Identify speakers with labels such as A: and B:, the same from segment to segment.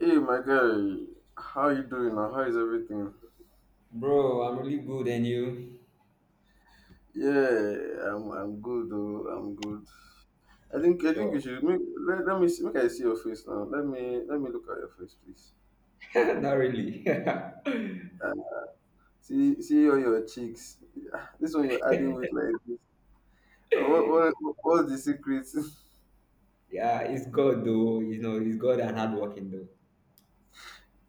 A: Hey, my guy, how you doing? Now? How is everything?
B: Bro, I'm really good and you?
A: Yeah, I'm good. Though, I'm good. I think you
B: Sure.
A: should make, let me see, make I see your face now. Let me look at your face, please.
B: Not really.
A: Ah, see all your cheeks. Ah, this one you're adding weight like this. Ah, what's the secret?
B: Yeah, it's God though. You know, it's God and hard working though.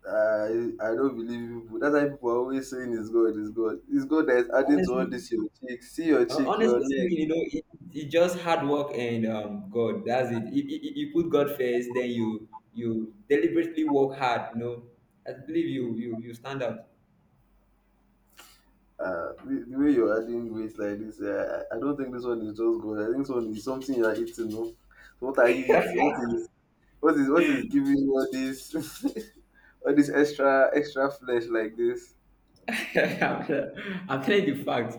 A: I don't believe people. That's why people are always saying it's God, it's God, it's God that is adding to all
B: Honestly,
A: this your cheeks. See your cheek, your
B: honestly
A: neck.
B: speaking, you know, it's just hard work and God. That's it. You put God first, then you deliberately work hard. You know, I believe you stand out.
A: The way you're adding weight like this, I don't think this one is just gold. I think this one is something you are eating. No, so what are you eating? What is what is giving you all this all this extra flesh like this?
B: I'm telling you facts.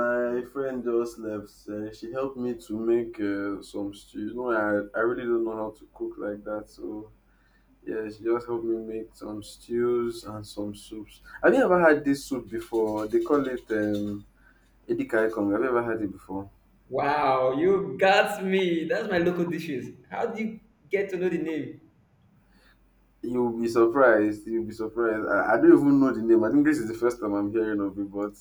A: My friend just left. She helped me to make some stew. I really don't know how to cook like that. So, yeah, she just helped me make some stews and some soups. Have you ever had this soup before? They call it edikai kong. Have you ever had it before?
B: Wow, you got me. That's my local dishes. How do you get to know the name?
A: You'll be surprised. You'll be surprised. I don't even know the name. I think this is the first time I'm hearing of it, but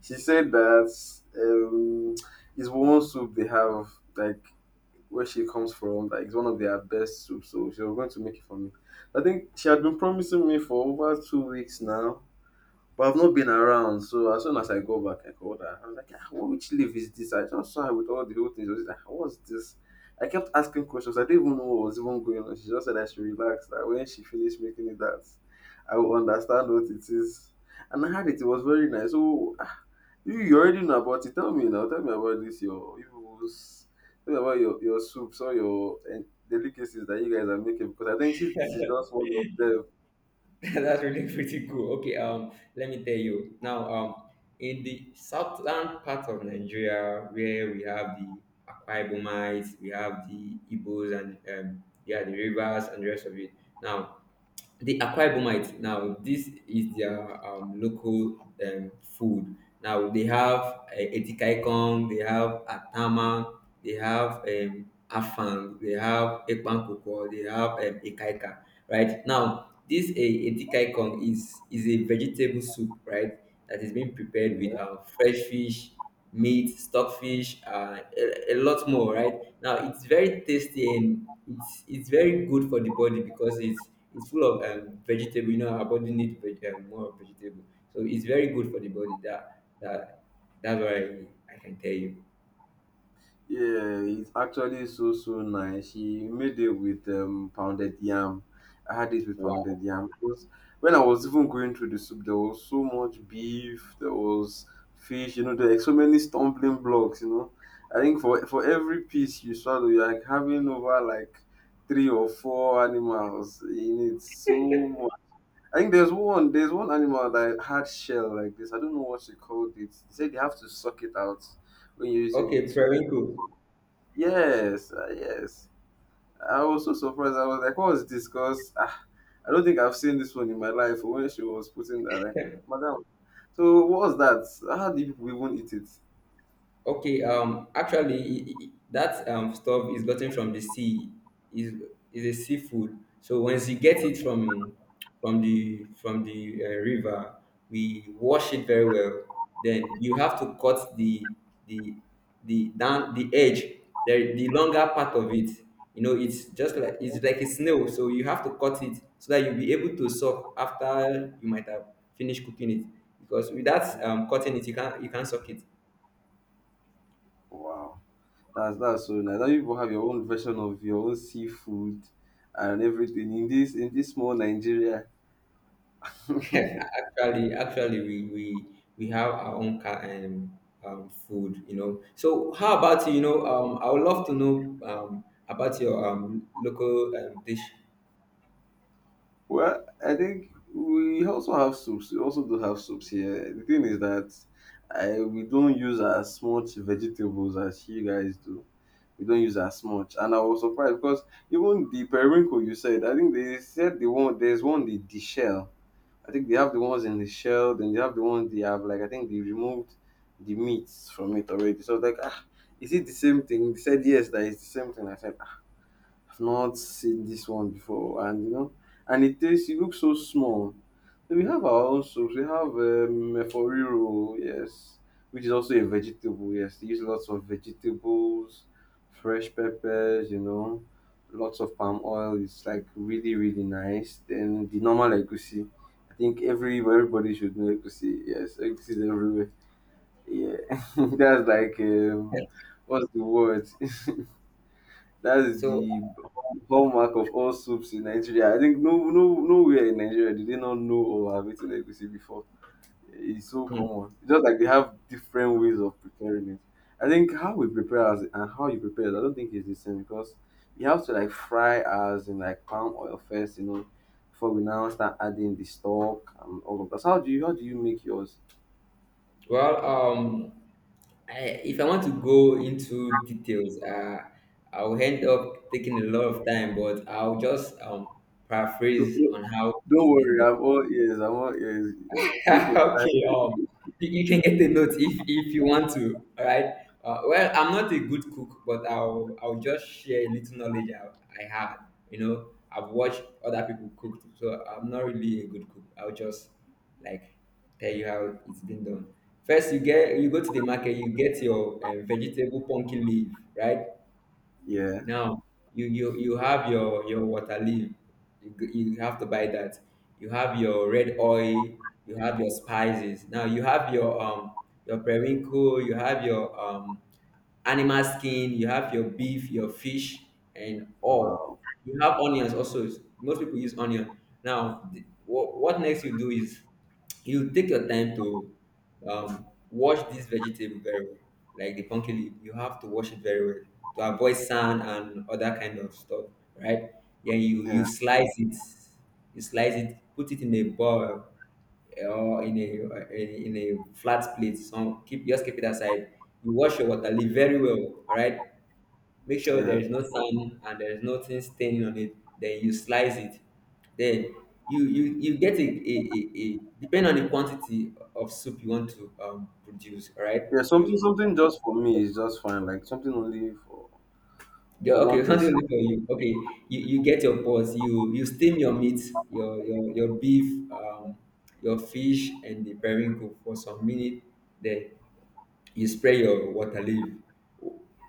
A: she said that it's one soup they have, like where she comes from, like it's one of their best soups. So she was going to make it for me. I think she had been promising me for over 2 weeks now. But I've not been around, so as soon as I go back, I called her. I was like, ah, what, which leaf is this? I just saw her with all the whole things. I was like, "Ah, what's this?" I kept asking questions. I didn't even know what was even going on. She just said I should relax, that when she finished making it that I will understand what it is. And I had it. It was very nice. So ah, you already know about it. Tell me now. Tell me about this. Your evils. Tell me about your soups or your delicacies that you guys are making. Because I think this is just one of
B: That's really pretty cool. Okay, let me tell you now. In the southern part of Nigeria, where we have the Akwa Ibomites, we have the Igbos, and yeah, the rivers and the rest of it. Now, the Akwa Ibomites. Now, this is their local food. Now they have Etikaikon, they have Atama, they have Afang, they have Epankoko, they have Ekaika, right? Now, this Etikaikon is a vegetable soup, right? That is being prepared with
A: them.
B: fresh fish, meat, stockfish, a lot more, right? Now, it's very tasty and it's very good for the body because it's full of vegetable. You know, our body needs more vegetable. So it's very good for the body. That that's what I can tell you.
A: Yeah, it's actually so nice. She made it with pounded yam. I had it with
B: Wow.
A: pounded yam because when I was even going through the soup, there was so much beef, there was fish, you know, there were so many stumbling blocks, you know. I think for every piece you swallow, you're like having over like 3 or 4 animals in it. So much. I think there's one animal that had shell like this. I don't know what she called it. She said they have to suck it out when you're using it
B: Okay,
A: to eat.
B: very cool.
A: Yes, ah, yes. I was so surprised. I was like, what was this? Because ah, I don't think I've seen this one in my life when she was putting that. Like, Madam, so what was that? How do people even eat it?
B: Okay, actually, that stuff is gotten from the sea. is is a seafood. So once you get it from the river, we wash it very well. Then you have to cut the the down the edge, the longer part of it. You know, it's just like a snail. So you have to cut it so that you'll be able to suck after you might have finished cooking it. Because without cutting it, you can't suck it.
A: Wow. That's so nice. Now you people have your own version of your own seafood and everything in this small Nigeria.
B: Actually, we we have our own car and food, you know. So, how about you? You know, I would love to know about your local dish.
A: Well, I think we also have soups. We also do have soups here. The thing is that I we don't use as much vegetables as you guys do. We don't use as much, and I was surprised because even the periwinkle you said, I think they said there's one the shell. I think they have the ones in the shell, then they have the ones they have like I think they removed the meats from it already. So I was like, ah, is it the same thing? They said yes, that is the same thing. I said I've not seen this one before, and you know, and it tastes. It looks so small. So we have our own soups. We have eforiro, yes, which is also a vegetable. Yes, they use lots of vegetables, fresh peppers. You know, lots of palm oil. It's like really, really nice. Then the normal egusi. I think everybody should know egusi. Yes, egusi is everywhere. Yeah, that's like
B: Yeah.
A: what's the word? That's
B: So,
A: the hallmark of all soups in Nigeria. I think no, no, nowhere in Nigeria did they not know or have eaten egusi before. It's so common.
B: mm,
A: It's just like they have different ways of preparing it. I think how we prepare as and how you prepare it, I don't think it's the same because you have to like fry as in like palm oil first, you know, before we now start adding the stock and all of that. So how do you make yours?
B: well, if I want to go into details, I'll end up taking a lot of time, but I'll just
A: Don't,
B: paraphrase on how
A: don't
B: it's been
A: worry,
B: done.
A: I'm all ears. I'm all ears. Take your
B: Okay,
A: time.
B: you can get the note if you want to. All right. Well, I'm not a good cook, but I'll just share a little knowledge I had. You know, I've watched other people cook, so I'm not really a good cook. I'll just like tell you how it's been done. First, you go to the market, you get your vegetable pumpkin leaf, right?
A: Yeah.
B: Now you have your water leaf. You have to buy that. You have your red oil. You have your spices. Now you have your periwinkle. You have your animal skin, you have your beef, your fish, and
A: Wow.
B: all. You have onions also. Most people use onion. Now, what next you do is you take your time to wash this vegetable very well, like the pumpkin leaf. You have to wash it very well to avoid sand and other kind of stuff, right? Then you
A: Yeah.
B: slice it, put it in a bowl, or in a flat plate. So keep it aside. You wash your water, leave very well, all right? Make sure there
A: Yeah.
B: is no sand and there is nothing staining on it. Then you slice it. Then you get a depending on the quantity of soup you want to produce, all right?
A: Yeah, something
B: You
A: something just for me is just fine, like something only
B: Yeah,
A: for one
B: okay, something
A: person.
B: only for you. Okay, you get your pots, you steam your meat, your beef, your fish and the periwinkle for some minute. Then you spray your water leaf.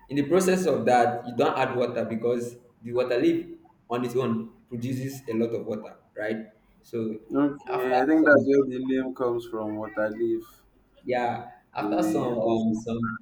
B: In the process of that, you don't add water because the water leaf on its own produces a lot of water, right? So after
A: Okay, I think that's
B: some,
A: where the name comes from, what I live
B: yeah,
A: in
B: after
A: the house with.
B: some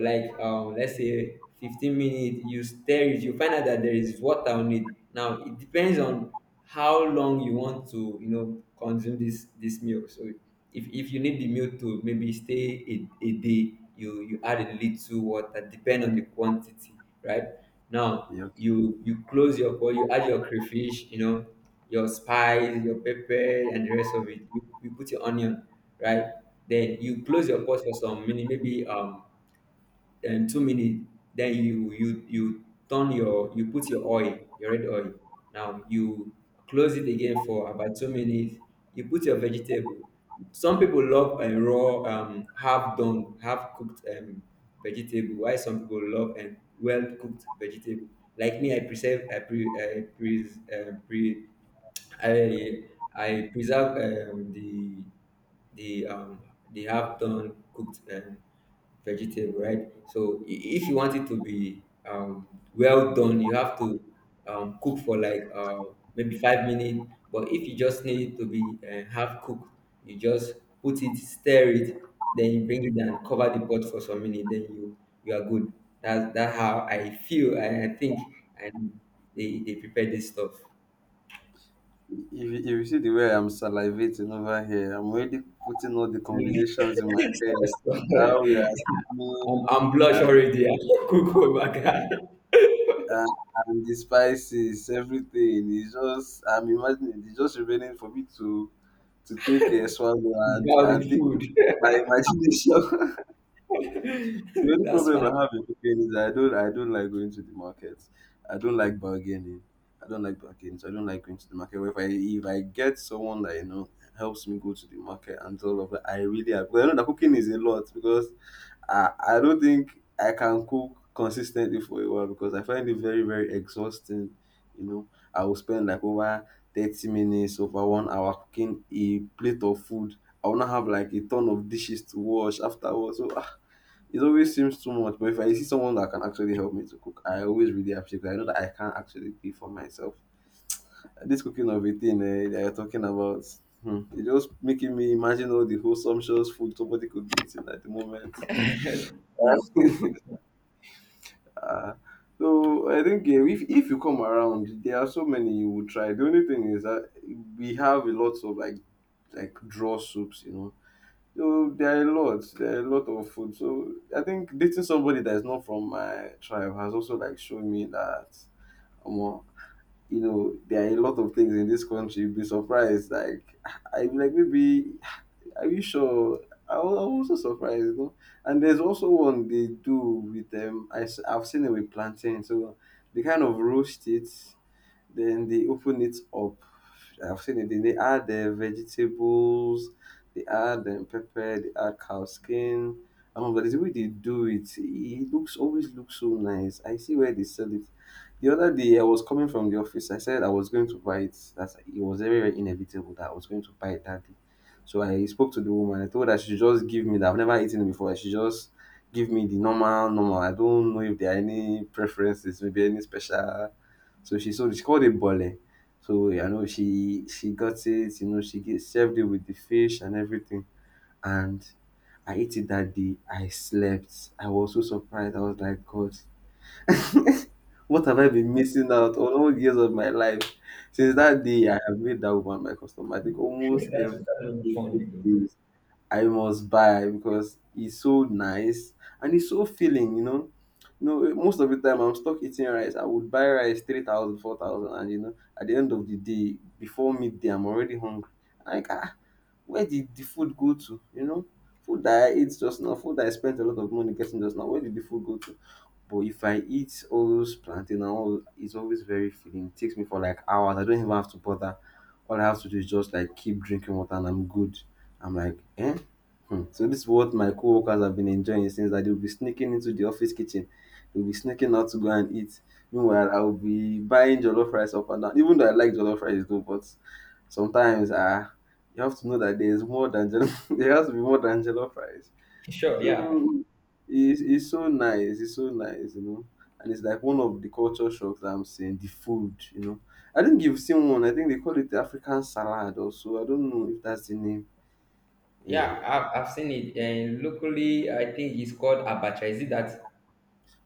B: let's say 15 minutes, you stir it, you find out that there is water on it. Now it depends on how long you want to, you know, consume this milk. So if you need the milk to maybe stay a day, you add a little water depend on the quantity, right? Now
A: Yeah, okay,
B: you close your pot, you add your crayfish, you know, your spice, your pepper, and the rest of it. You put your onion, right? Then you close your pot for some minute, maybe then 2 minutes. Then you put your oil, your red oil. Now you close it again for about 2 minutes. You put your vegetable. Some people love a raw, half done, half cooked vegetable. Why some people love and well cooked vegetable. Like me, I preserve, I pre, pre.
A: fine.
B: I I preserve the um the half done cooked vegetable, right? So if you want it to be well done, you have to cook for like maybe 5 minutes. But if you just need it to be half cooked, you just put it, stir it, then you bring it down, cover the pot for some minutes, then you are good. That's how I feel. I think and they prepare this stuff.
A: If you see the way I'm salivating over here, I'm already putting all the
B: Yeah.
A: combinations in my
B: So-
A: head. How we
B: so-
A: are steaming,
B: I'm blush
A: and,
B: already. I could go back
A: and, and the spices, everything. It's just, I'm imagining, it's just remaining for me to take a swallow
B: without
A: and
B: the
A: take
B: food.
A: my imagination. The only
B: That's
A: problem
B: fine.
A: I have in cooking is I don't like going to the market. I don't like bargaining. I don't like bargaining. So I don't like going to the market. But if I get someone that you know helps me go to the market and all of that, I really have. Because I know that cooking is a lot because I don't think I can cook consistently for a while because I find it very very exhausting. You know, I will spend like over 30 minutes over 1 hour cooking a plate of food. I will not have like a ton of dishes to wash afterwards. So ah, it always seems too much, but if I see someone that can actually help me to cook, I always really appreciate it. I know that I can't actually do it for myself. This cooking of a thing eh, that you're talking about, hmm, it's just making me imagine all the whole sumptuous food somebody could be eating at the moment. Ah, so I think yeah, if you come around, there are so many you would try. The only thing is that we have a lot of like draw soups, you know. So there are a lot, there are a lot of food. So I think dating somebody that is not from my tribe has also like shown me that, um, you know, there are a lot of things in this country. You'd be surprised. Like I like maybe, are you sure? I was also surprised, you know. And there's also one they do with them. I've seen it with plantain. So they kind of roast it, then they open it up. I've seen it. Then they add the vegetables. They add the pepper. They add cow skin. But the way they do it, it looks always looks so nice. I see where they sell it. The other day, I was coming from the office. I said I was going to buy it. That's it was very, very inevitable that I was going to buy it that day. So I spoke to the woman. I told her she should just give me that. I've never eaten it before. She just give me the normal, normal. I don't know if there are any preferences, maybe any special, so she sold it. She called it bole. So I know she got it. You know, she get, served it with the fish and everything. And I ate it that day. I slept. I was so surprised. I was like, God, what have I been missing out on all years of my life? Since that day, I have made that woman my customer. I think almost every day. I must buy because it's so nice and it's so filling, you know. You know, eh, most of the time I'm stuck eating rice. I would buy rice 3,000, 4,000, and you know, at the end of the day, before midday, I'm already hungry. Like, ah, where did the food go to? You know, food that I ate just now, food that I spent a lot of money getting just now, where did the food go to? But if I eat all those plantain and all, it's always very filling. It takes me for like hours. I don't even have to bother. All I have to do is just like keep drinking water and I'm good. I'm like, eh? Hmm. So this is what my co-workers have been enjoying since that they'll be sneaking into the office kitchen. They'll be sneaking out to go and eat. Meanwhile, I'll be buying jollof rice up and down. Even though I like jollof rice though, but sometimes you have to know that there is more than jollof. There has to be more than jollof rice.
B: Sure, yeah.
A: So it's so nice, it's so nice, you know. And it's like one of the culture shocks that I'm seeing, the food, you know. I think you've seen one, I think they call it the African salad also. I don't know if that's the name.
B: Yeah, I've seen it. And locally, I think it's called abacha. Is it that?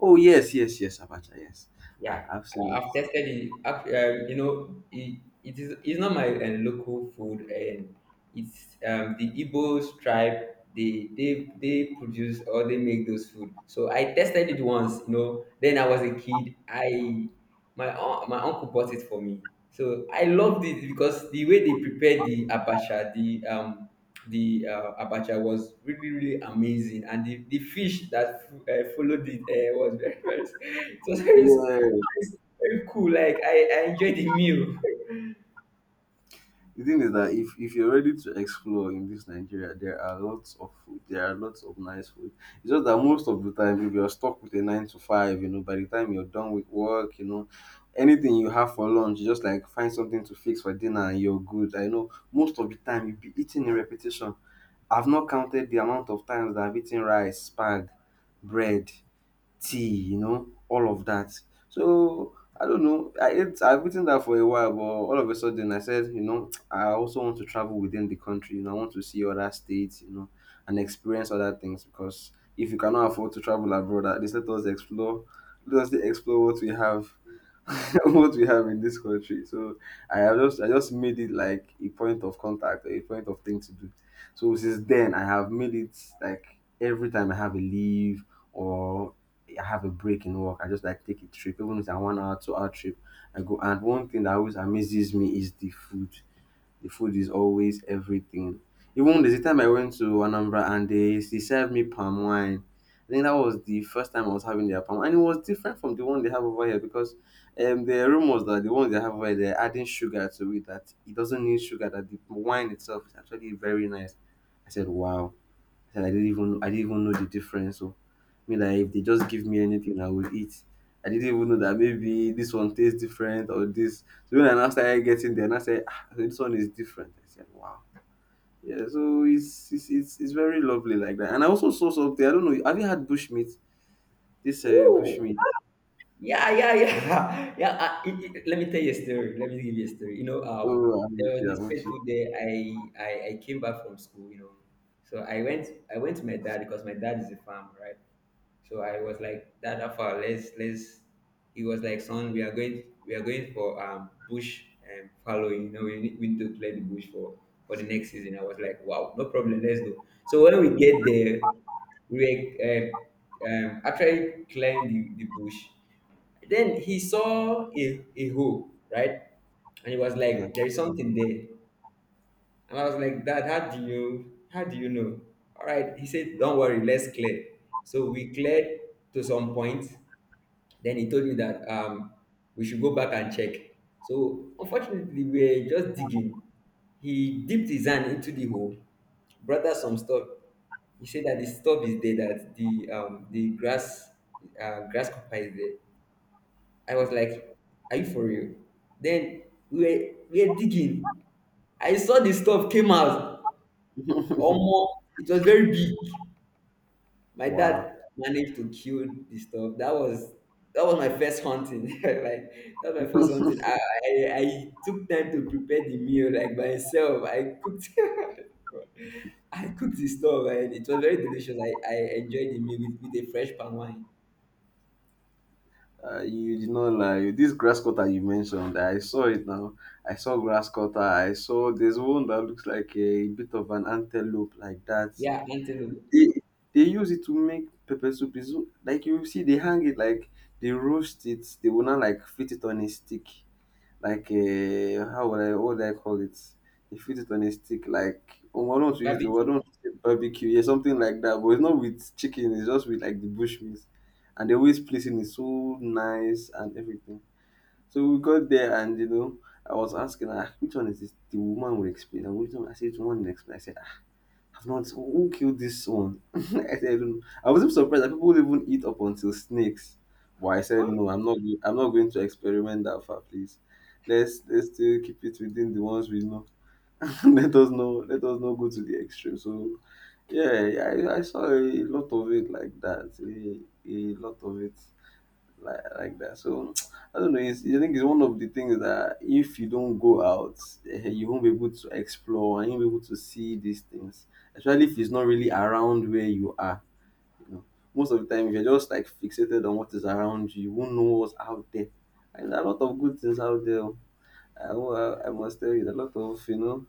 A: Oh yes, yes, yes, Abacha, yes. I,
B: Yeah,
A: I've seen it.
B: I've tested it. You know, it's not my local food, and it's the Igbo tribe. They produce or they make those food. So I tested it once. You know, then I was a kid. My uncle bought it for me. So I loved it because the way they prepared the abacha, the abacha was really really amazing, and the fish that followed it was very very it was very nice.
A: Yeah,
B: It's very cool. Like I enjoyed the meal.
A: the thing is that if you're ready to explore in this Nigeria, there are lots of food. There are lots of nice food. It's just that most of the time, if you're stuck with a nine to five, you know, by the time you're done with work, you know, anything you have for lunch, you just like find something to fix for dinner and you're good. I know most of the time you'll be eating in repetition. I've not counted the amount of times that I've eaten rice, spag, bread, tea, you know, all of that. So I don't know. I've eaten that for a while, but all of a sudden I said, you know, I also want to travel within the country. You know, I want to see other states, you know, and experience other things because if you cannot afford to travel abroad, at least let us explore what we have, what we have in this country. So I just made it like a point of contact, a point of thing to do. So since then, I have made it like every time I have a leave or I have a break in work. I just like take a trip, even if it's a 1 hour, 2 hour trip. I go, and one thing that always amazes me is the food. The food is always everything. Even there's a time I went to Anambra and they served me palm wine. I think that was the first time I was having their palm, and it was different from the one they have over here because the rumors that the one they have over here they're adding sugar to it, that it doesn't need sugar. That the wine itself is actually very nice. I said, wow. I said, I didn't even know the difference. So me like if they just give me anything I will eat. I didn't even know that maybe this one tastes different or this. So when I now started getting there, and I said, ah, this one is different. I said, wow. Yeah, so it's it's very lovely like that. And I also saw something. I don't know. Have you had bushmeat? This
B: Woo!
A: bushmeat.
B: Yeah, yeah, yeah, yeah. Let me tell you a story. Let me give you a story. You know,
A: Oh, I'm
B: there
A: with
B: was
A: you.
B: this
A: I'm with
B: fateful day. I came back from school. You know, so I went to my dad because my dad is a farmer, right? So I was like, Dada, for let's. He was like, son, we are going for bush and following. You know, we need to clear the bush for the next season. I was like, wow, no problem, let's go. So when we get there, we were actually clearing the bush. Then he saw a hole, right? And he was
A: you.
B: like, there is something there. And I was like, Dad, how do you know? All right. He said, Don't worry, let's clear. So we cleared to some point. Then he told me that we should go back and check. So unfortunately, we were just digging. He dipped his hand into the hole, brought out some stuff. He said that the stuff is there, that the grasshopper is there. I was like, Are you for real? Then we were, we were digging. I saw the stuff came out.
A: Yeah.
B: Omo, it was very big. My
A: Wow.
B: dad managed to kill the stuff. That was my first hunting. like that was my first hunting. I took time to prepare the meal like by myself. I cooked. God. I cooked the stuff and it was very delicious. I enjoyed the meal with a fresh palm wine.
A: You did not lie. This grass cutter you mentioned, I saw it now. I saw grass cutter. I saw there's one that looks like a bit of an antelope like that.
B: Yeah, antelope,
A: They they use it to make pepper soup. Is like you see they hang it like they roast it. They will not like fit it on a stick. Like how would I what would I call it? They fit it on a stick like, oh, I don't want to use the word, I
B: barbecue.
A: don't want to say barbecue, yeah, something like that. But it's not with chicken, it's just with like the bush meat. And they always placing it so nice and everything. So we got there and you know, I was asking her, "Ah, which one is this?" The woman will explain. And which one? I said, which one will explain? I said, "Ah, I've not. Who killed this one?" I don't know. I wasn't surprised that people even eat up until snakes. But I said no. I'm not going to experiment that far, please. Let's still keep it within the ones we know. Let us know. Let us not go to the extreme. So, yeah, I saw a lot of it like that. A lot of it like that. So I don't know. It's, I think it's one of the things that if you don't go out, eh, you won't be able to explore and you won't be able to see these things, especially if it's not really around where you are. You know, most of the time, if you're just like fixated on what is around you, you won't know what's out there. And there are a lot of good things out there. Oh. I must tell you, there are a lot of you know,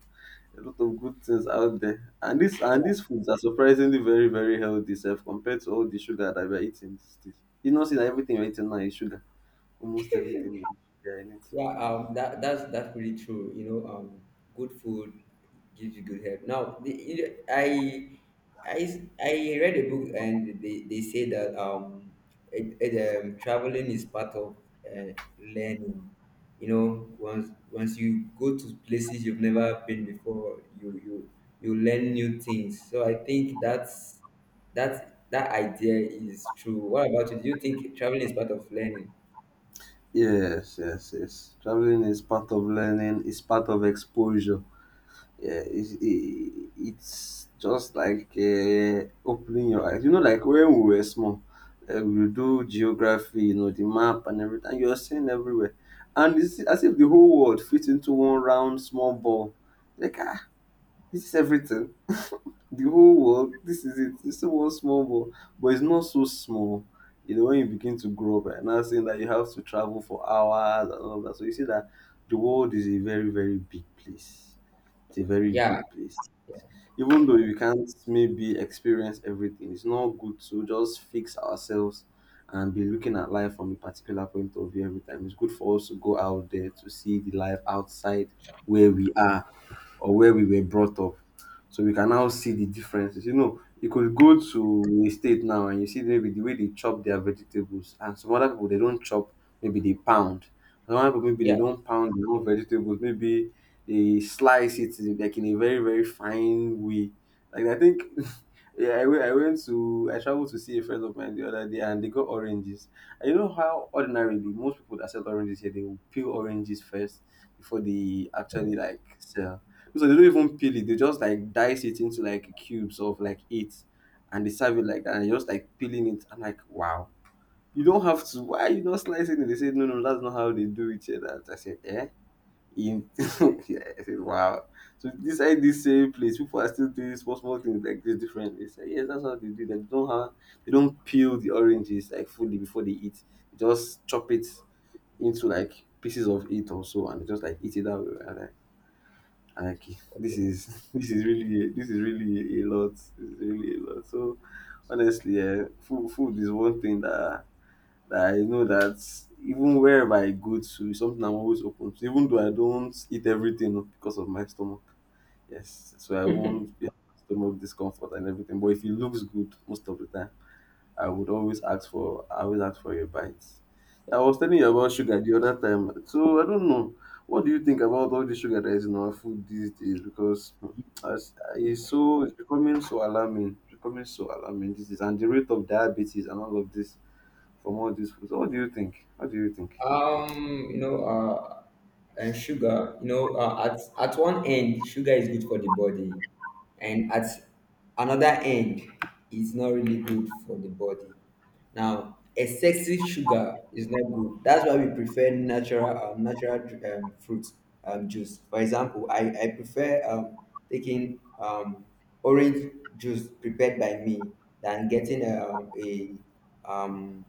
A: a lot of good things out there. And this and these foods are surprisingly very very healthy, self compared to all the sugar that we're eating these days. You know, see that everything you're eating now is sugar. Almost everything is there in it.
B: Yeah, that that's pretty true. You know, good food gives you good health. You know, I read a book and they say that traveling is part of learning. You know, once you go to places you've never been before, you learn new things. So I think that that idea is true. What about you? Do you think traveling is part of learning?
A: Yes, yes, yes. Traveling is part of learning. It's part of exposure. Yeah, it's just like opening your eyes. You know, like when we were small, we would do geography. You know, the map and everything. You're seeing everywhere, and it's as if the whole world fits into one round small ball. Like ah, this is everything. The whole world, this is it. It's still one small world, but it's not so small. You know, when you begin to grow up and now saying that you have to travel for hours and all of that. So you see that the world is a very, very big place. It's a very
B: Yeah,
A: big place.
B: yeah,
A: Even though you can't maybe experience everything, it's not good to just fix ourselves and be looking at life from a particular point of view every time. It's good for us to go out there to see the life outside where we are or where we were brought up. So we can now see the differences. You know, you could go to a state now and you see maybe the way they chop their vegetables, and some other people they don't chop, maybe they pound. Some other people maybe they
B: yeah.
A: don't pound their own vegetables, maybe they like in a very very fine way. Like I think, yeah, I traveled to see a friend of mine the other day, and they got oranges. And you know how ordinarily most people that sell oranges here they will peel oranges first before they actually like sell, so they don't even peel it. They just like dice it into like cubes of like eight, and they serve it like that. And you're just like peeling it. I'm like, wow. You don't have to. Why are you not slicing it? They said, no, no, that's not how they do it here. That I said, eh. In yeah, I said, wow. So inside this same place, people are still doing small small things like this differently. They say, yes, that's how they do that. They don't peel the oranges like fully before they eat. They just chop it into like pieces of it or so, and they just like eat it that way, right? Like this is this is really a lot, this is really a lot. So honestly food is one thing that I know that even wherever I go to is something I'm always open to, even though I don't eat everything because of my stomach. Yes, so I won't be stomach discomfort and everything, but if it looks good most of the time I always ask for your bites. I was telling you about sugar the other time. So I don't know. What do you think about all the sugar that is in our food these days? Because hmm, as- it's so it's becoming so alarming. It's becoming so alarming these days. And the rate of diabetes and all of this from all these foods. So, what do you think? What do you think?
B: You know, and sugar, you know, at one end, sugar is good for the body, and at another end, it's not really good for the body. Now, excessive sugar is not good. That's why we prefer natural, natural fruit juice. For example, I prefer taking orange juice prepared by me than getting um,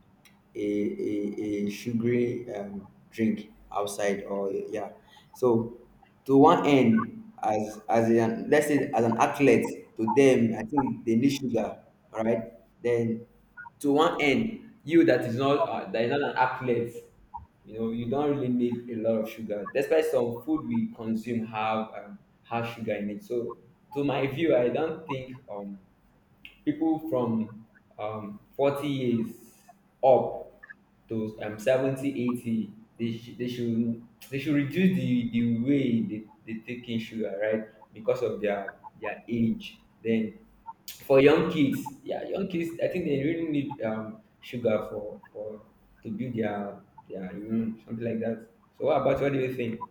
B: a sugary drink outside. Or yeah, so to one end, as an, let's say, as an athlete, to them I think they need sugar, all right? Then to one end, you that is not an athlete, you know, you don't really need a lot of sugar, despite some food we consume have sugar in it. So to my view, I don't think people from 40 years up to 70, 80, they should reduce the way they take in sugar, right? Because of their age. Then for young kids, yeah, young kids, I think they really need sugar for to build their immune, something like that. So what do you think?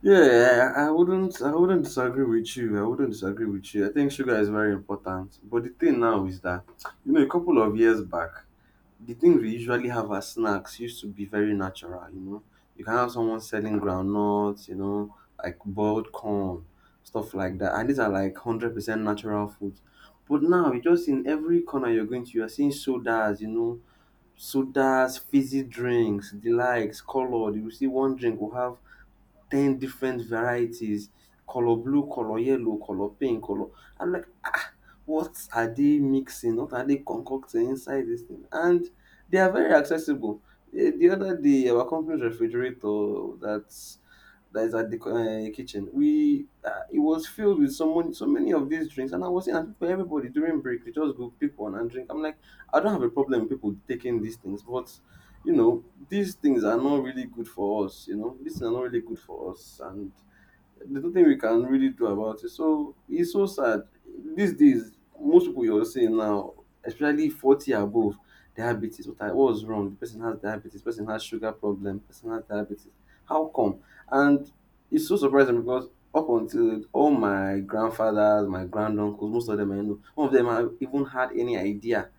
A: Yeah, I wouldn't disagree with you. I think sugar is very important. But the thing now is that you know a couple of years back the things we usually have as snacks used to be very natural, you know. You can have someone selling groundnuts, you know, like boiled corn, stuff like that. And these are like 100% natural foods. But now, you just in every corner you're going to, you're seeing sodas, you know, sodas, fizzy drinks, the likes, colored. You will see one drink will have ten different varieties, color blue, color yellow, color pink color. I'm like, ah, what are they mixing? What are they concocting inside this thing? And they are very accessible. Eh, the other day our company's refrigerator that's that is at the kitchen, we it was filled with so many of these drinks. And I was saying, "Ah, people, everybody during break we just go pick one and drink." I'm like, I don't have a problem with people taking these things, but you know, these things are not really good for us, you know, these things are not really good for us. And there's nothing we can really do about it. So it's so sad. These days, most people you're seeing now, especially 40 above, diabetes. What I what's wrong? The person has diabetes, the person has sugar problem, the person has diabetes. How come? And it's so surprising because up until all my grandfathers, my granduncles, most of them I know, none of them have even had any idea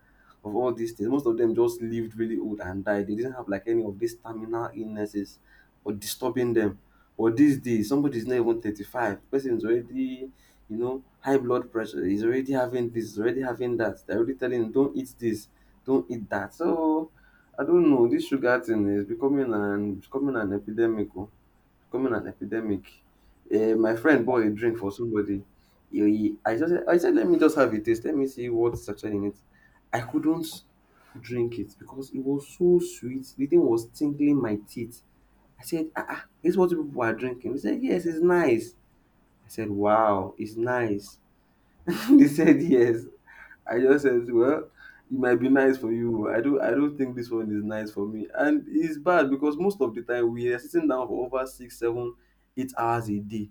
A: of all these things. Most of them just lived really old and died. They didn't have like any of these terminal illnesses or disturbing them. But these days, somebody is not even 35. The person is already, you know, high blood pressure. He's already having this, he's already having that. They're already telling him, don't eat this, don't eat that. So, I don't know. This sugar thing is becoming an epidemic. Oh. Becoming an epidemic. My friend bought a drink for somebody. I said, let me just have a taste. Let me see what's actually in it. I couldn't drink it because it was so sweet. The thing was tingling my teeth. I said, ah, ah, this is what people are drinking. He said, yes, it's nice. I said, wow, it's nice. They said yes. I just said, well, it might be nice for you. I don't think this one is nice for me. And it's bad because most of the time we are sitting down for over 6, 7, 8 hours a day.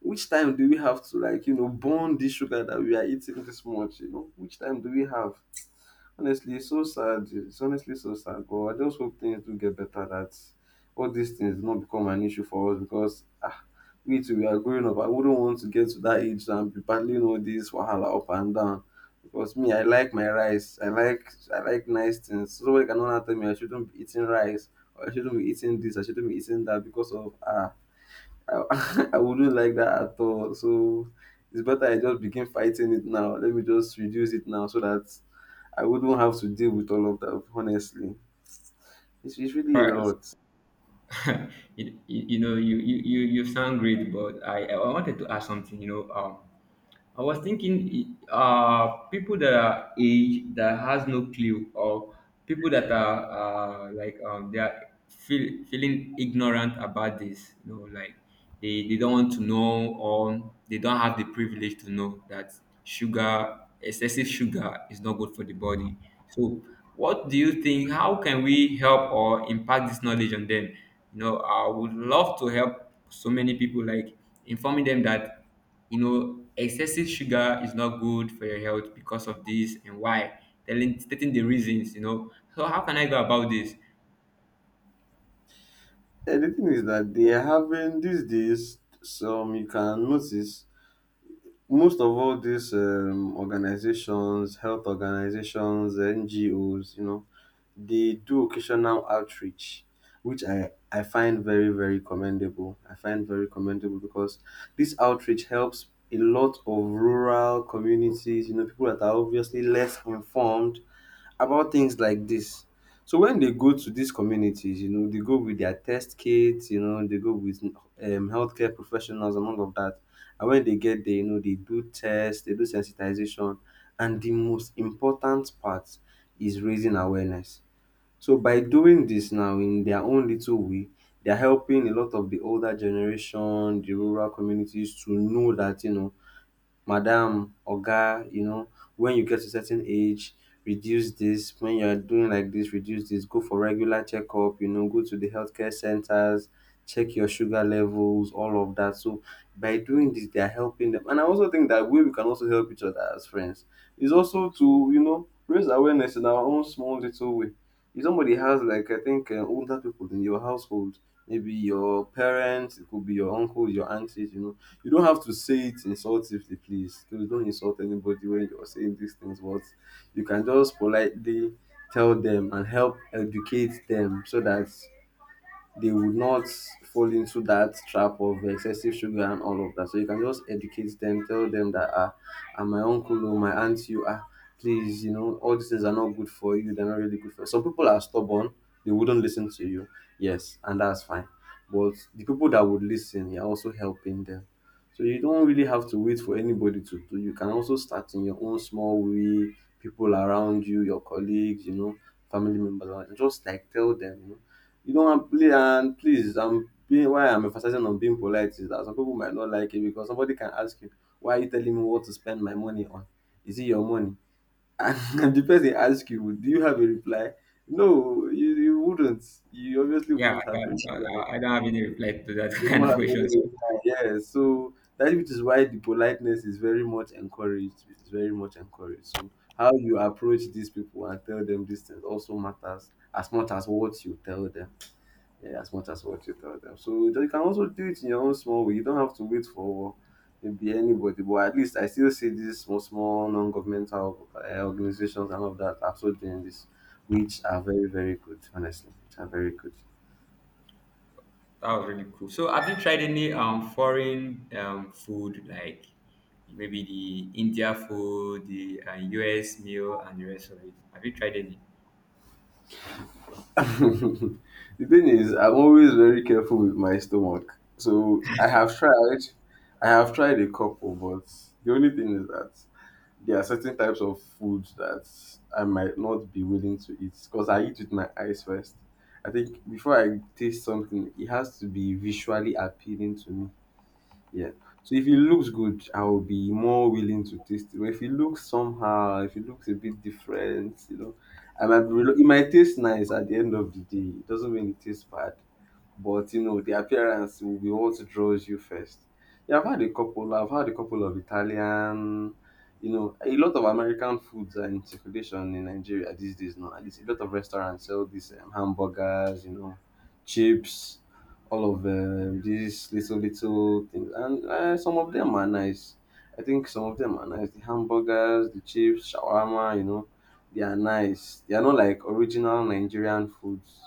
A: Which time do we have to, like, you know, burn this sugar that we are eating this much? You know, which time do we have? Honestly, it's so sad. It's honestly so sad. But I just hope things do get better, that all these things do not become an issue for us, because ah, me too, we are growing up. I wouldn't want to get to that age and be battling all this wahala up and down. Because me, I like my rice. I like nice things. So somebody cannot tell me I shouldn't be eating rice, or I shouldn't be eating this, I shouldn't be eating that because of ah, I, I wouldn't like that at all. So it's better I just begin fighting it now. Let me just reduce it now so that I wouldn't have to deal with all of that, honestly. It's really a lot.
B: You know, you sound great, but I wanted to ask something, you know. I was thinking, uh, people that are age that has no clue, or people that are they are feeling ignorant about this, you know, like they don't want to know, or they don't have the privilege to know that sugar excessive sugar is not good for the body. So what do you think? How can we help or impact this knowledge on them? You know, I would love to help so many people, like informing them that, you know, excessive sugar is not good for your health because of this, and why. Telling Stating the reasons, you know. So how can I go about this?
A: And the thing is that they are having these days, some you can notice, most of all these organizations, health organizations, NGOs, you know, they do occasional outreach, which I find very, very commendable. I find very commendable, because this outreach helps a lot of rural communities, you know, people that are obviously less informed about things like this. So when they go to these communities, you know, they go with their test kits, you know, they go with healthcare professionals and all of that. And when they get there, you know, they do tests, they do sensitization. And the most important part is raising awareness. So by doing this now in their own little way, they're helping a lot of the older generation, the rural communities, to know that, you know, madam, oga, you know, when you get to certain age, reduce this. When you are doing like this, reduce this. Go for regular checkup, you know, go to the healthcare centers, check your sugar levels, all of that. So by doing this, they are helping them. And I also think that way we can also help each other as friends is also to, you know, raise awareness in our own small little way. If somebody has like, I think, older people in your household, maybe your parents, it could be your uncles, your aunties, you know, you don't have to say it insultively, please. Please don't insult anybody when you're saying these things. But you can just politely tell them and help educate them, so that they would not fall into that trap of excessive sugar and all of that. So you can just educate them, tell them that ah, and my uncle or my aunt, you ah, please, you know, all these things are not good for you. They're not really good for you. Some people are stubborn; they wouldn't listen to you. Yes, and that's fine. But the people that would listen, you're also helping them. So you don't really have to wait for anybody to do. You can also start in your own small way. People around you, your colleagues, you know, family members, and just like tell them, you know, you don't want play. And please, I'm being why I'm emphasizing on being polite is that some people might not like it, because somebody can ask you, why are you telling me what to spend my money on? Is it your money? And the person asks you, do you have a reply? No, you wouldn't. You obviously
B: Yeah,
A: wouldn't have a reply.
B: I don't have any reply to that
A: You
B: kind
A: won't
B: of
A: have
B: question.
A: any
B: So
A: reply. Yes. So that, which is why the politeness is very much encouraged. It's very much encouraged. So how you approach these people and tell them these things also matters as much as what you tell them, yeah, as much as what you tell them. So you can also do it in your own small way. You don't have to wait for maybe anybody. But at least I still see these small, small non-governmental organizations and all of that are also doing this, which are very, very good. Honestly, which are very good.
B: that was really cool. So have you tried any foreign food, like maybe the India food, the US meal, and the rest of it? Have you tried any?
A: The thing is, I'm always very careful with my stomach. So I have tried a couple, but the only thing is that there are certain types of foods that I might not be willing to eat because I eat with my eyes first. I think before I taste something, it has to be visually appealing to me. Yeah. So if it looks good, I will be more willing to taste it. But if it looks somehow, if it looks a bit different, you know, I might be relo- it might taste nice at the end of the day. It doesn't mean it tastes bad. But you know, the appearance will be what draws you first. Yeah, I've had a couple. I've had a couple of Italian. You know, a lot of American foods are in circulation in Nigeria these days. No, at least a lot of restaurants sell these hamburgers. You know, chips, all of these little little things, and some of them are nice. I think some of them are nice. The hamburgers, the chips, shawarma. You know, they are nice. They are not like original Nigerian foods,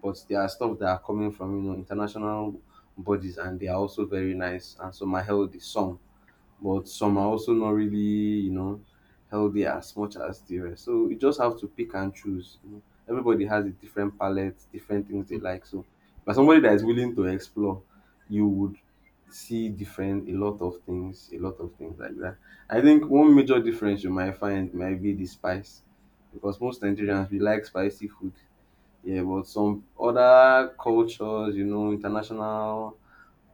A: but there are stuff that are coming from, you know, international bodies, and they are also very nice. And some are healthy, some, but some are also not really, you know, healthy as much as the rest. So you just have to pick and choose, you know. Everybody has a different palette, different things they like. So but somebody that is willing to explore, you would see different, a lot of things, a lot of things like that. I think one major difference you might find might be the spice, because most Nigerians we like spicy food. Yeah, but some other cultures, you know, international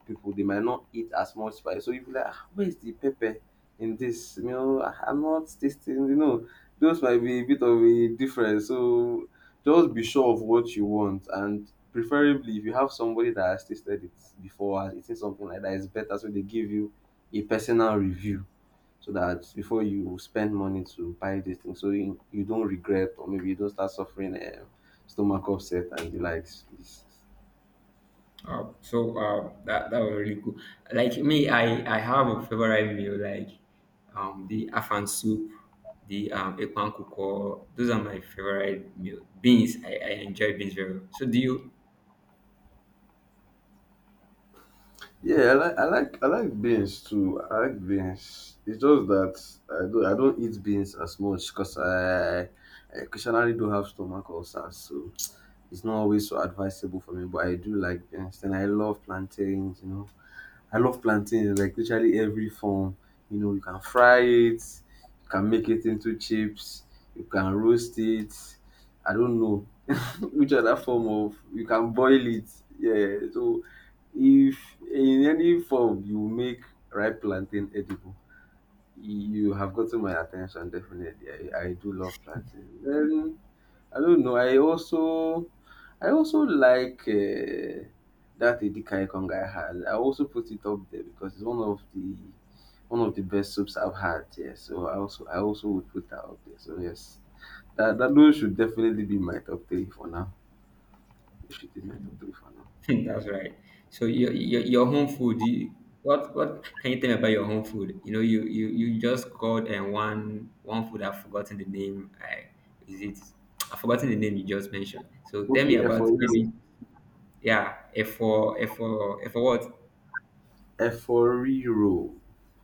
A: people, they might not eat as much spice. So you be like, ah, where is the pepper in this? You know, "Ah, I'm not tasting, you know, those might be a bit of a difference. So just be sure of what you want. And preferably, if you have somebody that has tasted it before, has eaten something like that, it's better. So they give you a personal review, so that before you spend money to buy this thing, so you don't regret or maybe you don't start suffering stomach upset and the likes. Please.
B: So that that was really cool. Like me, I have a favorite meal, like the afan soup, the ekpan kuko. Those are my favorite meal. Beans, I enjoy beans very well. So do you?
A: Yeah, I like beans too. I like beans. It's just that I don't eat beans as much, because I occasionally do have stomach ulcers, so it's not always so advisable for me. But I do like beans. Then I love plantains. You know, I love plantain like literally every form. You know, you can fry it, you can make it into chips, you can roast it. I don't know which other form of you can boil it. Yeah, so if in any form you make ripe plantain edible, you have gotten my attention definitely. I do love plantain. I don't know. I also I also like that Edika Ikonga has. I also put it up there because it's one of the best soups I've had. Yeah, so I also would put that up there. So yes, that those should definitely be my top three for now. They should be my top three for now.
B: That's right. So your home food. What can you tell me about your home food? You know, you just called and one food. I've forgotten the name. I is it? I've forgotten the name you just mentioned. So tell me
A: Okay,
B: about
A: Eforiro.
B: maybe. Yeah, F for what?
A: Eforiro.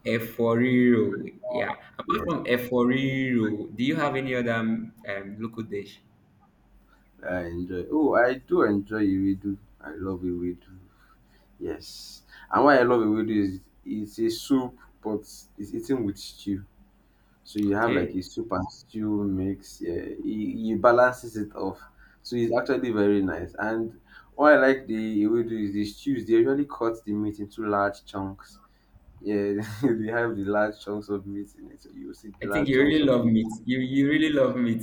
B: Eforiro. Yeah. Apart
A: Yes,
B: from Eforiro, do you have any other local dish?
A: I enjoy. Oh, I do enjoy Iwedu. I love Iwedu. Yes. And why I love ewedu is it's a soup, but it's eaten with stew. So you have like
B: Okay.
A: a soup and stew mix. Yeah, it balances it off. So it's actually very nice. And what I like the ewedu is the stews. They usually cut the meat into large chunks. Yeah, they have the large chunks of meat in it. So you see
B: I
A: the
B: think
A: large
B: you
A: chunks
B: really
A: of
B: love
A: meat.
B: meat. You really love meat.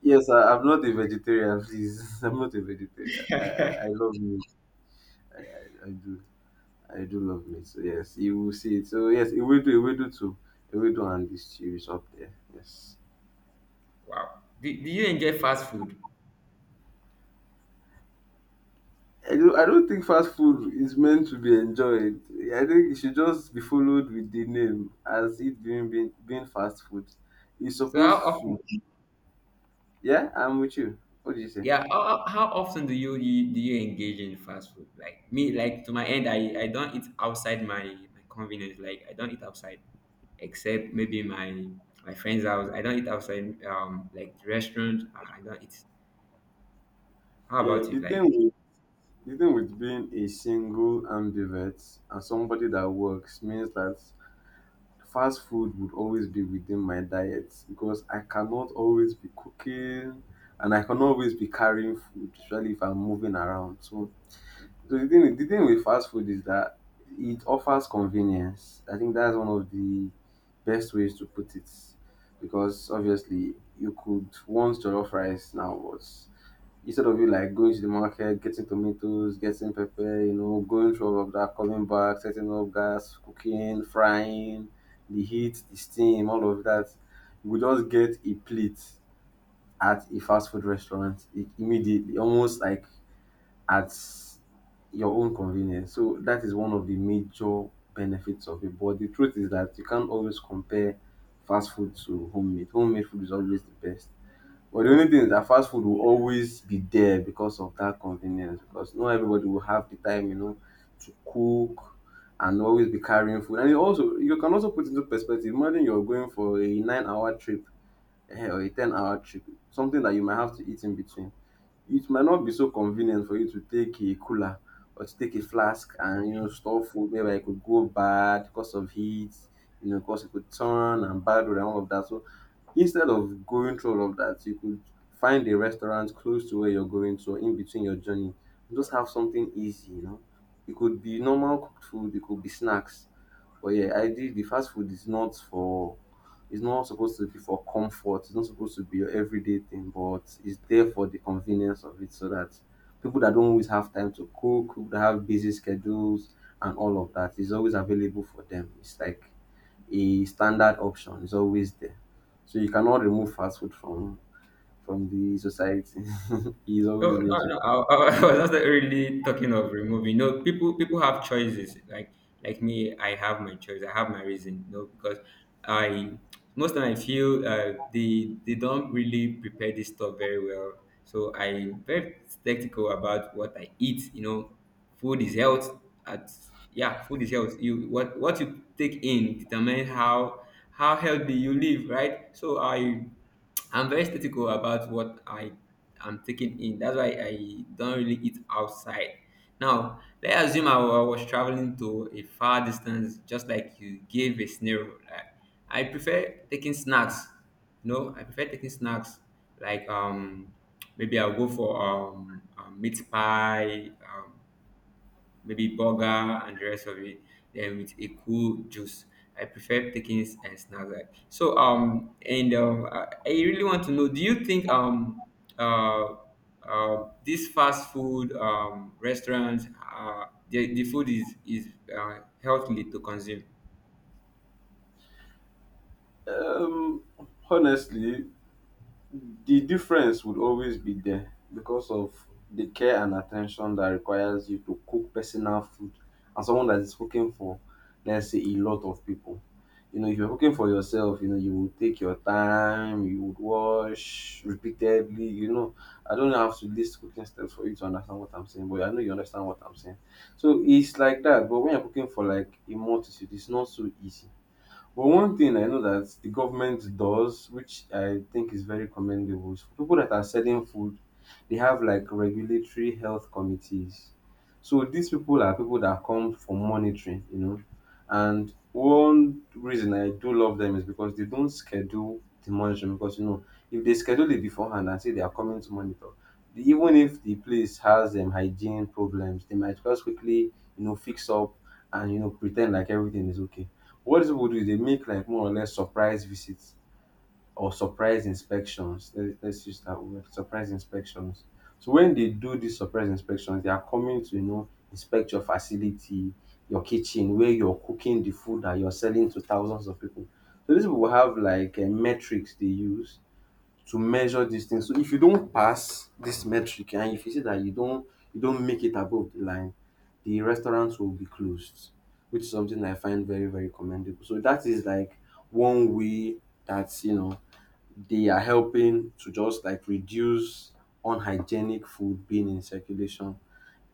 A: Yes, I'm not a vegetarian. Please, I'm not a vegetarian. I love meat. I do. I do love me. So yes, you will see it. So yes, it will do. It will do too. It will do, and this stew is up there. Yes.
B: Wow. Do you enjoy fast food?
A: I do. I don't think fast food is meant to be enjoyed. I think it should just be followed with the name as it being fast food. It's
B: So how
A: supposed
B: often?
A: to. Yeah, I'm with you. What do you say?
B: Yeah. How often do you, you do you engage in fast food? Like me, like to my end, I don't eat outside my convenience. Like, I don't eat outside, except maybe my friend's house. I don't eat outside. Like restaurant, I don't eat. How
A: Yeah,
B: about you?
A: the thing
B: Like.
A: with the thing with being a single ambivert and somebody that works means that fast food would always be within my diet because I cannot always be cooking and I cannot always be carrying food, especially if I'm moving around. So, so the thing with fast food is that it offers convenience. I think that's one of the best ways to put it because obviously you could want jollof rice now, but instead of you like going to the market, getting tomatoes, getting pepper, you know, going through all of that, coming back, setting up gas, cooking, frying, the heat, the steam, all of that, you will just get a plate at a fast food restaurant immediately, almost like at your own convenience. So that is one of the major benefits of it. But the truth is that you can't always compare fast food to homemade. Homemade food is always the best. But the only thing is that fast food will always be there because of that convenience because not everybody will have the time, you know, to cook and always be carrying food. And you can also put into perspective, imagine you're going for a 9 hour trip eh, or a 10 hour trip, something that you might have to eat in between. It might not be so convenient for you to take a cooler or to take a flask and you know store food whereby it could go bad because of heat, you know, because it could turn and bad and all of that. So instead of going through all of that, you could find a restaurant close to where you're going to or in between your journey and just have something easy, you know. It could be normal cooked food, it could be snacks. But yeah, I did the fast food is not for it's not supposed to be for comfort. It's not supposed to be your everyday thing, but it's there for the convenience of it so that people that don't always have time to cook, people that have busy schedules and all of that is always available for them. It's like a standard option. It's always there. So you cannot remove fast food from the society. It's
B: No,
A: always
B: no,
A: going to
B: no.
A: be.
B: I I was not really talking of removing. No, people have choices. Like me, I have my choice. I have my reason. No, because I most time I feel, they don't really prepare this stuff very well. So I'm very skeptical about what I eat. You know, food is health. At yeah, food is health. You, what you take in determine how healthy you live, right? I'm very statical about what I am taking in. That's why I don't really eat outside. Now, let's assume I was traveling to a far distance, just like you gave a scenario. Like, I prefer taking snacks. No, I prefer taking snacks. Like, maybe I'll go for a meat pie, maybe burger and the rest of it, then with a cool juice. I prefer taking it and snacks like so. And I really want to know. Do you think uh, these fast food restaurants, uh, the food is, healthily to consume?
A: Um, honestly, the difference would always be there because of the care and attention that requires you to cook personal food and someone that is cooking for, let's say, a lot of people. You know, if you're cooking for yourself, you know, you will take your time, you would wash repeatedly, you know. I don't have to list cooking steps for you to understand what I'm saying, but I know you understand what I'm saying. So it's like that. But when you're cooking for like a multitude, it's not so easy. But one thing I know that the government does, which I think is very commendable, is for people that are selling food, they have like regulatory health committees. So these people are people that come for monitoring, you know. And one reason I do love them is because they don't schedule the monitoring because you know if they schedule it beforehand and say they are coming to monitor, the- even if the place has hygiene problems, they might just quickly you know fix up and you know pretend like everything is okay. What these people do is they make like more or less surprise visits or surprise inspections. Let's use that word, surprise inspections. So when they do these surprise inspections, they are coming to you know inspect your facility, your kitchen, where you're cooking the food that you're selling to thousands of people. So these people have like metrics they use to measure this thing. So if you don't pass this metric and if you see that you don't make it above the line, the restaurants will be closed, which is something I find very, very commendable. So that is like one way that you know they are helping to just like reduce unhygienic food being in circulation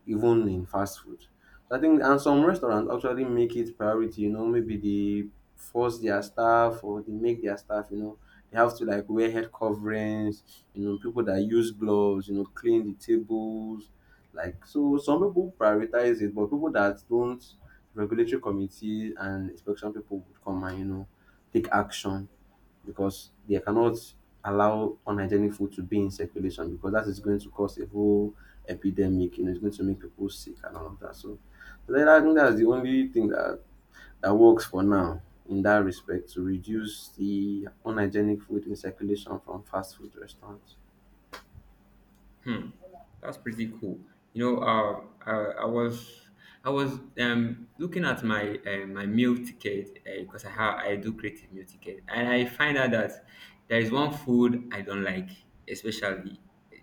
A: even in fast food. So I think and some restaurants actually make it priority, you know, maybe they force their staff or they make their staff, you know, they have to like wear head coverings, you know, people that use gloves, you know, clean the tables. Like so some people prioritize it, but people that don't regulatory committee and inspection people would come and, you know, take action because they cannot allow unhygienic food to be in circulation because that is going to cause a whole epidemic, you know, it's going to make people sick and all of that. So so then I think that's the only thing that, that works for now in that respect to reduce the unhygienic food in circulation from fast food restaurants.
B: Hmm, that's pretty cool. You know, I was I was looking at my my meal ticket, because I have I do creative meal ticket, and I find out that there is one food I don't like, especially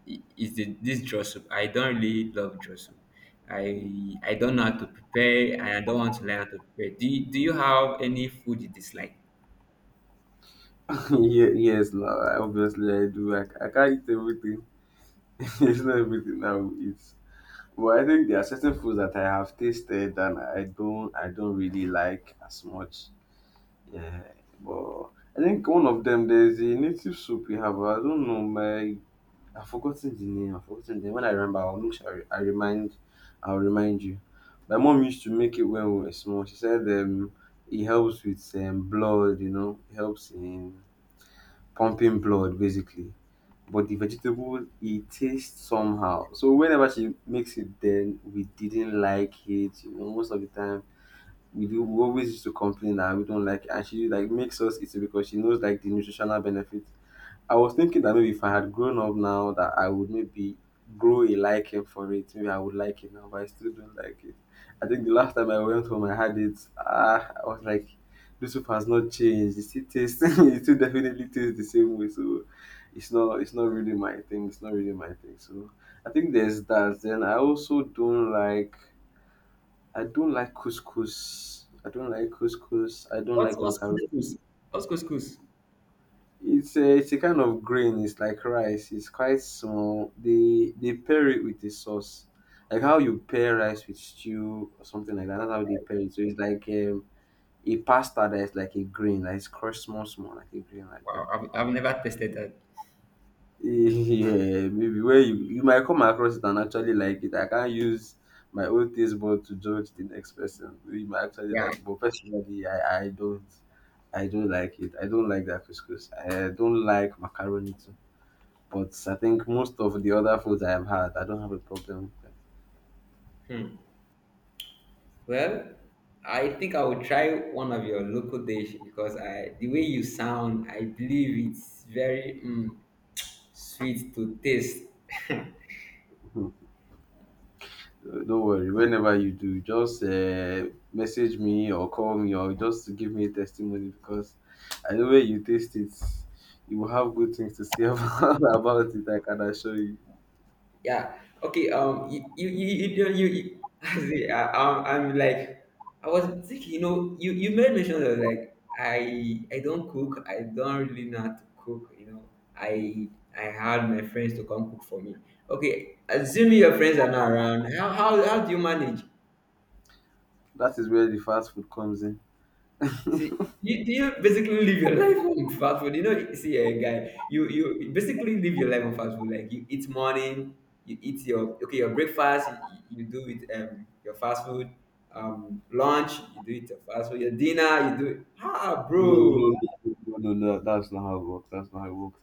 B: is the this draw soup. I don't really love draw soup. I don't know how to prepare, and I don't want to learn how to prepare. Do you have any food you dislike?
A: Yeah, yes, no, I- obviously I do. I can't eat everything. It's not everything I will eat. But I think there are certain foods that I have tasted and I don't really like as much. Yeah, but I think one of them there's a native soup we have. I don't know my I've forgotten the name. I've forgotten the name. When I remember, I'll look. I'll remind you. My mom used to make it when we were small. She said it helps with blood. You know, it helps in pumping blood basically. But the vegetable it tastes somehow. So whenever she makes it, then we didn't like it. You know, most of the time we always used to complain that we don't like it, and she like makes us eat it because she knows like the nutritional benefit. I was thinking that maybe if I had grown up now, that I would maybe grow a liking for it. Maybe I would like it now, but I still don't like it. I think the last time I went home, I had it. Ah, I was like, this soup has not changed. It still tastes. It still definitely tastes the same way. So it's not. It's not really my thing. It's not really my thing. So I think there's that. Then I also don't like I don't like couscous. I don't like couscous. I don't like
B: What's
A: macaroni.
B: couscous? What's couscous?
A: It's a kind of grain. It's like rice. It's quite small. They pair it with a sauce, like how you pair rice with stew or something like that. That's how they pair it. So it's like a pasta that is like a grain, like it's crushed small, small, like a grain like that.
B: Wow, I've never tasted that.
A: Yeah, maybe where you might come across it and actually like it. I can't use my own taste bud to judge the next person. You might actually
B: Yeah.
A: like it, but personally, I don't. I don't like it. I don't like that couscous. I don't like macaroni too. But I think most of the other foods I have had, I don't have a problem with
B: Hmm. Well, I think I will try one of your local dish, because I the way you sound, I believe it's very mm, sweet to taste.
A: them. Don't worry. Whenever you do, just message me or call me or just give me a testimony because I know when you taste it, you will have good things to say about it. I can assure you.
B: Yeah. Okay. You you you you you. You I see, I'm like I was thinking. You know, you made mention of like I don't cook. I don't really know how to cook. You know, I I had my friends to come cook for me. Okay. Assuming your friends are not around, how do you manage?
A: That is where the fast food comes in.
B: See, you, do you basically live your life on fast food? You know, see, a guy, you basically live your life on fast food. Like you eat morning, you eat your, okay, your breakfast, you do it your fast food, lunch, you do it your fast food, your dinner, you do it. Ah,
A: No, no,
B: bro.
A: no, that's not how it works. That's not how it works.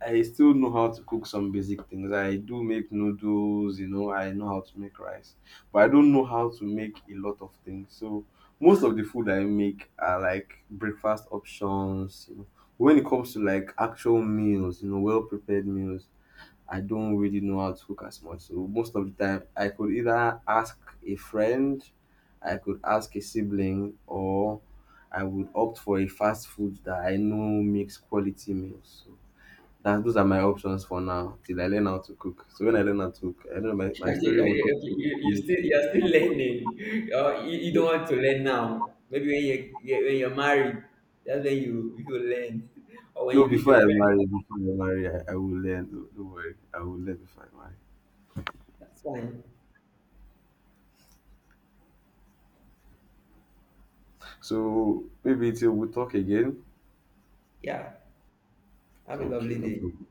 A: I still know how to cook some basic things. I do make noodles, you know, I know how to make rice, but I don't know how to make a lot of things. So most of the food I make are like breakfast options, you know. When it comes to like actual meals, you know, well prepared meals, I don't really know how to cook as much. So most of the time, I could either ask a friend, I could ask a sibling, or I would opt for a fast food that I know makes quality meals. So that those are my options for now till I learn how to cook. So when I learn how to cook, I know my, my
B: Okay,
A: story would
B: okay,
A: not
B: okay.
A: be
B: You
A: cook.
B: still, you are still learning. You you don't want to learn now. Maybe when when you're married, that's when you learn, or when
A: No,
B: you leave your parents.
A: before I marry, I will learn. Don't worry, I will learn before I marry.
B: That's fine.
A: So maybe till we talk again.
B: Yeah. Have a
A: Okay,
B: lovely
A: no
B: day.
A: problem.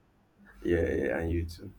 A: Yeah, yeah, and you too.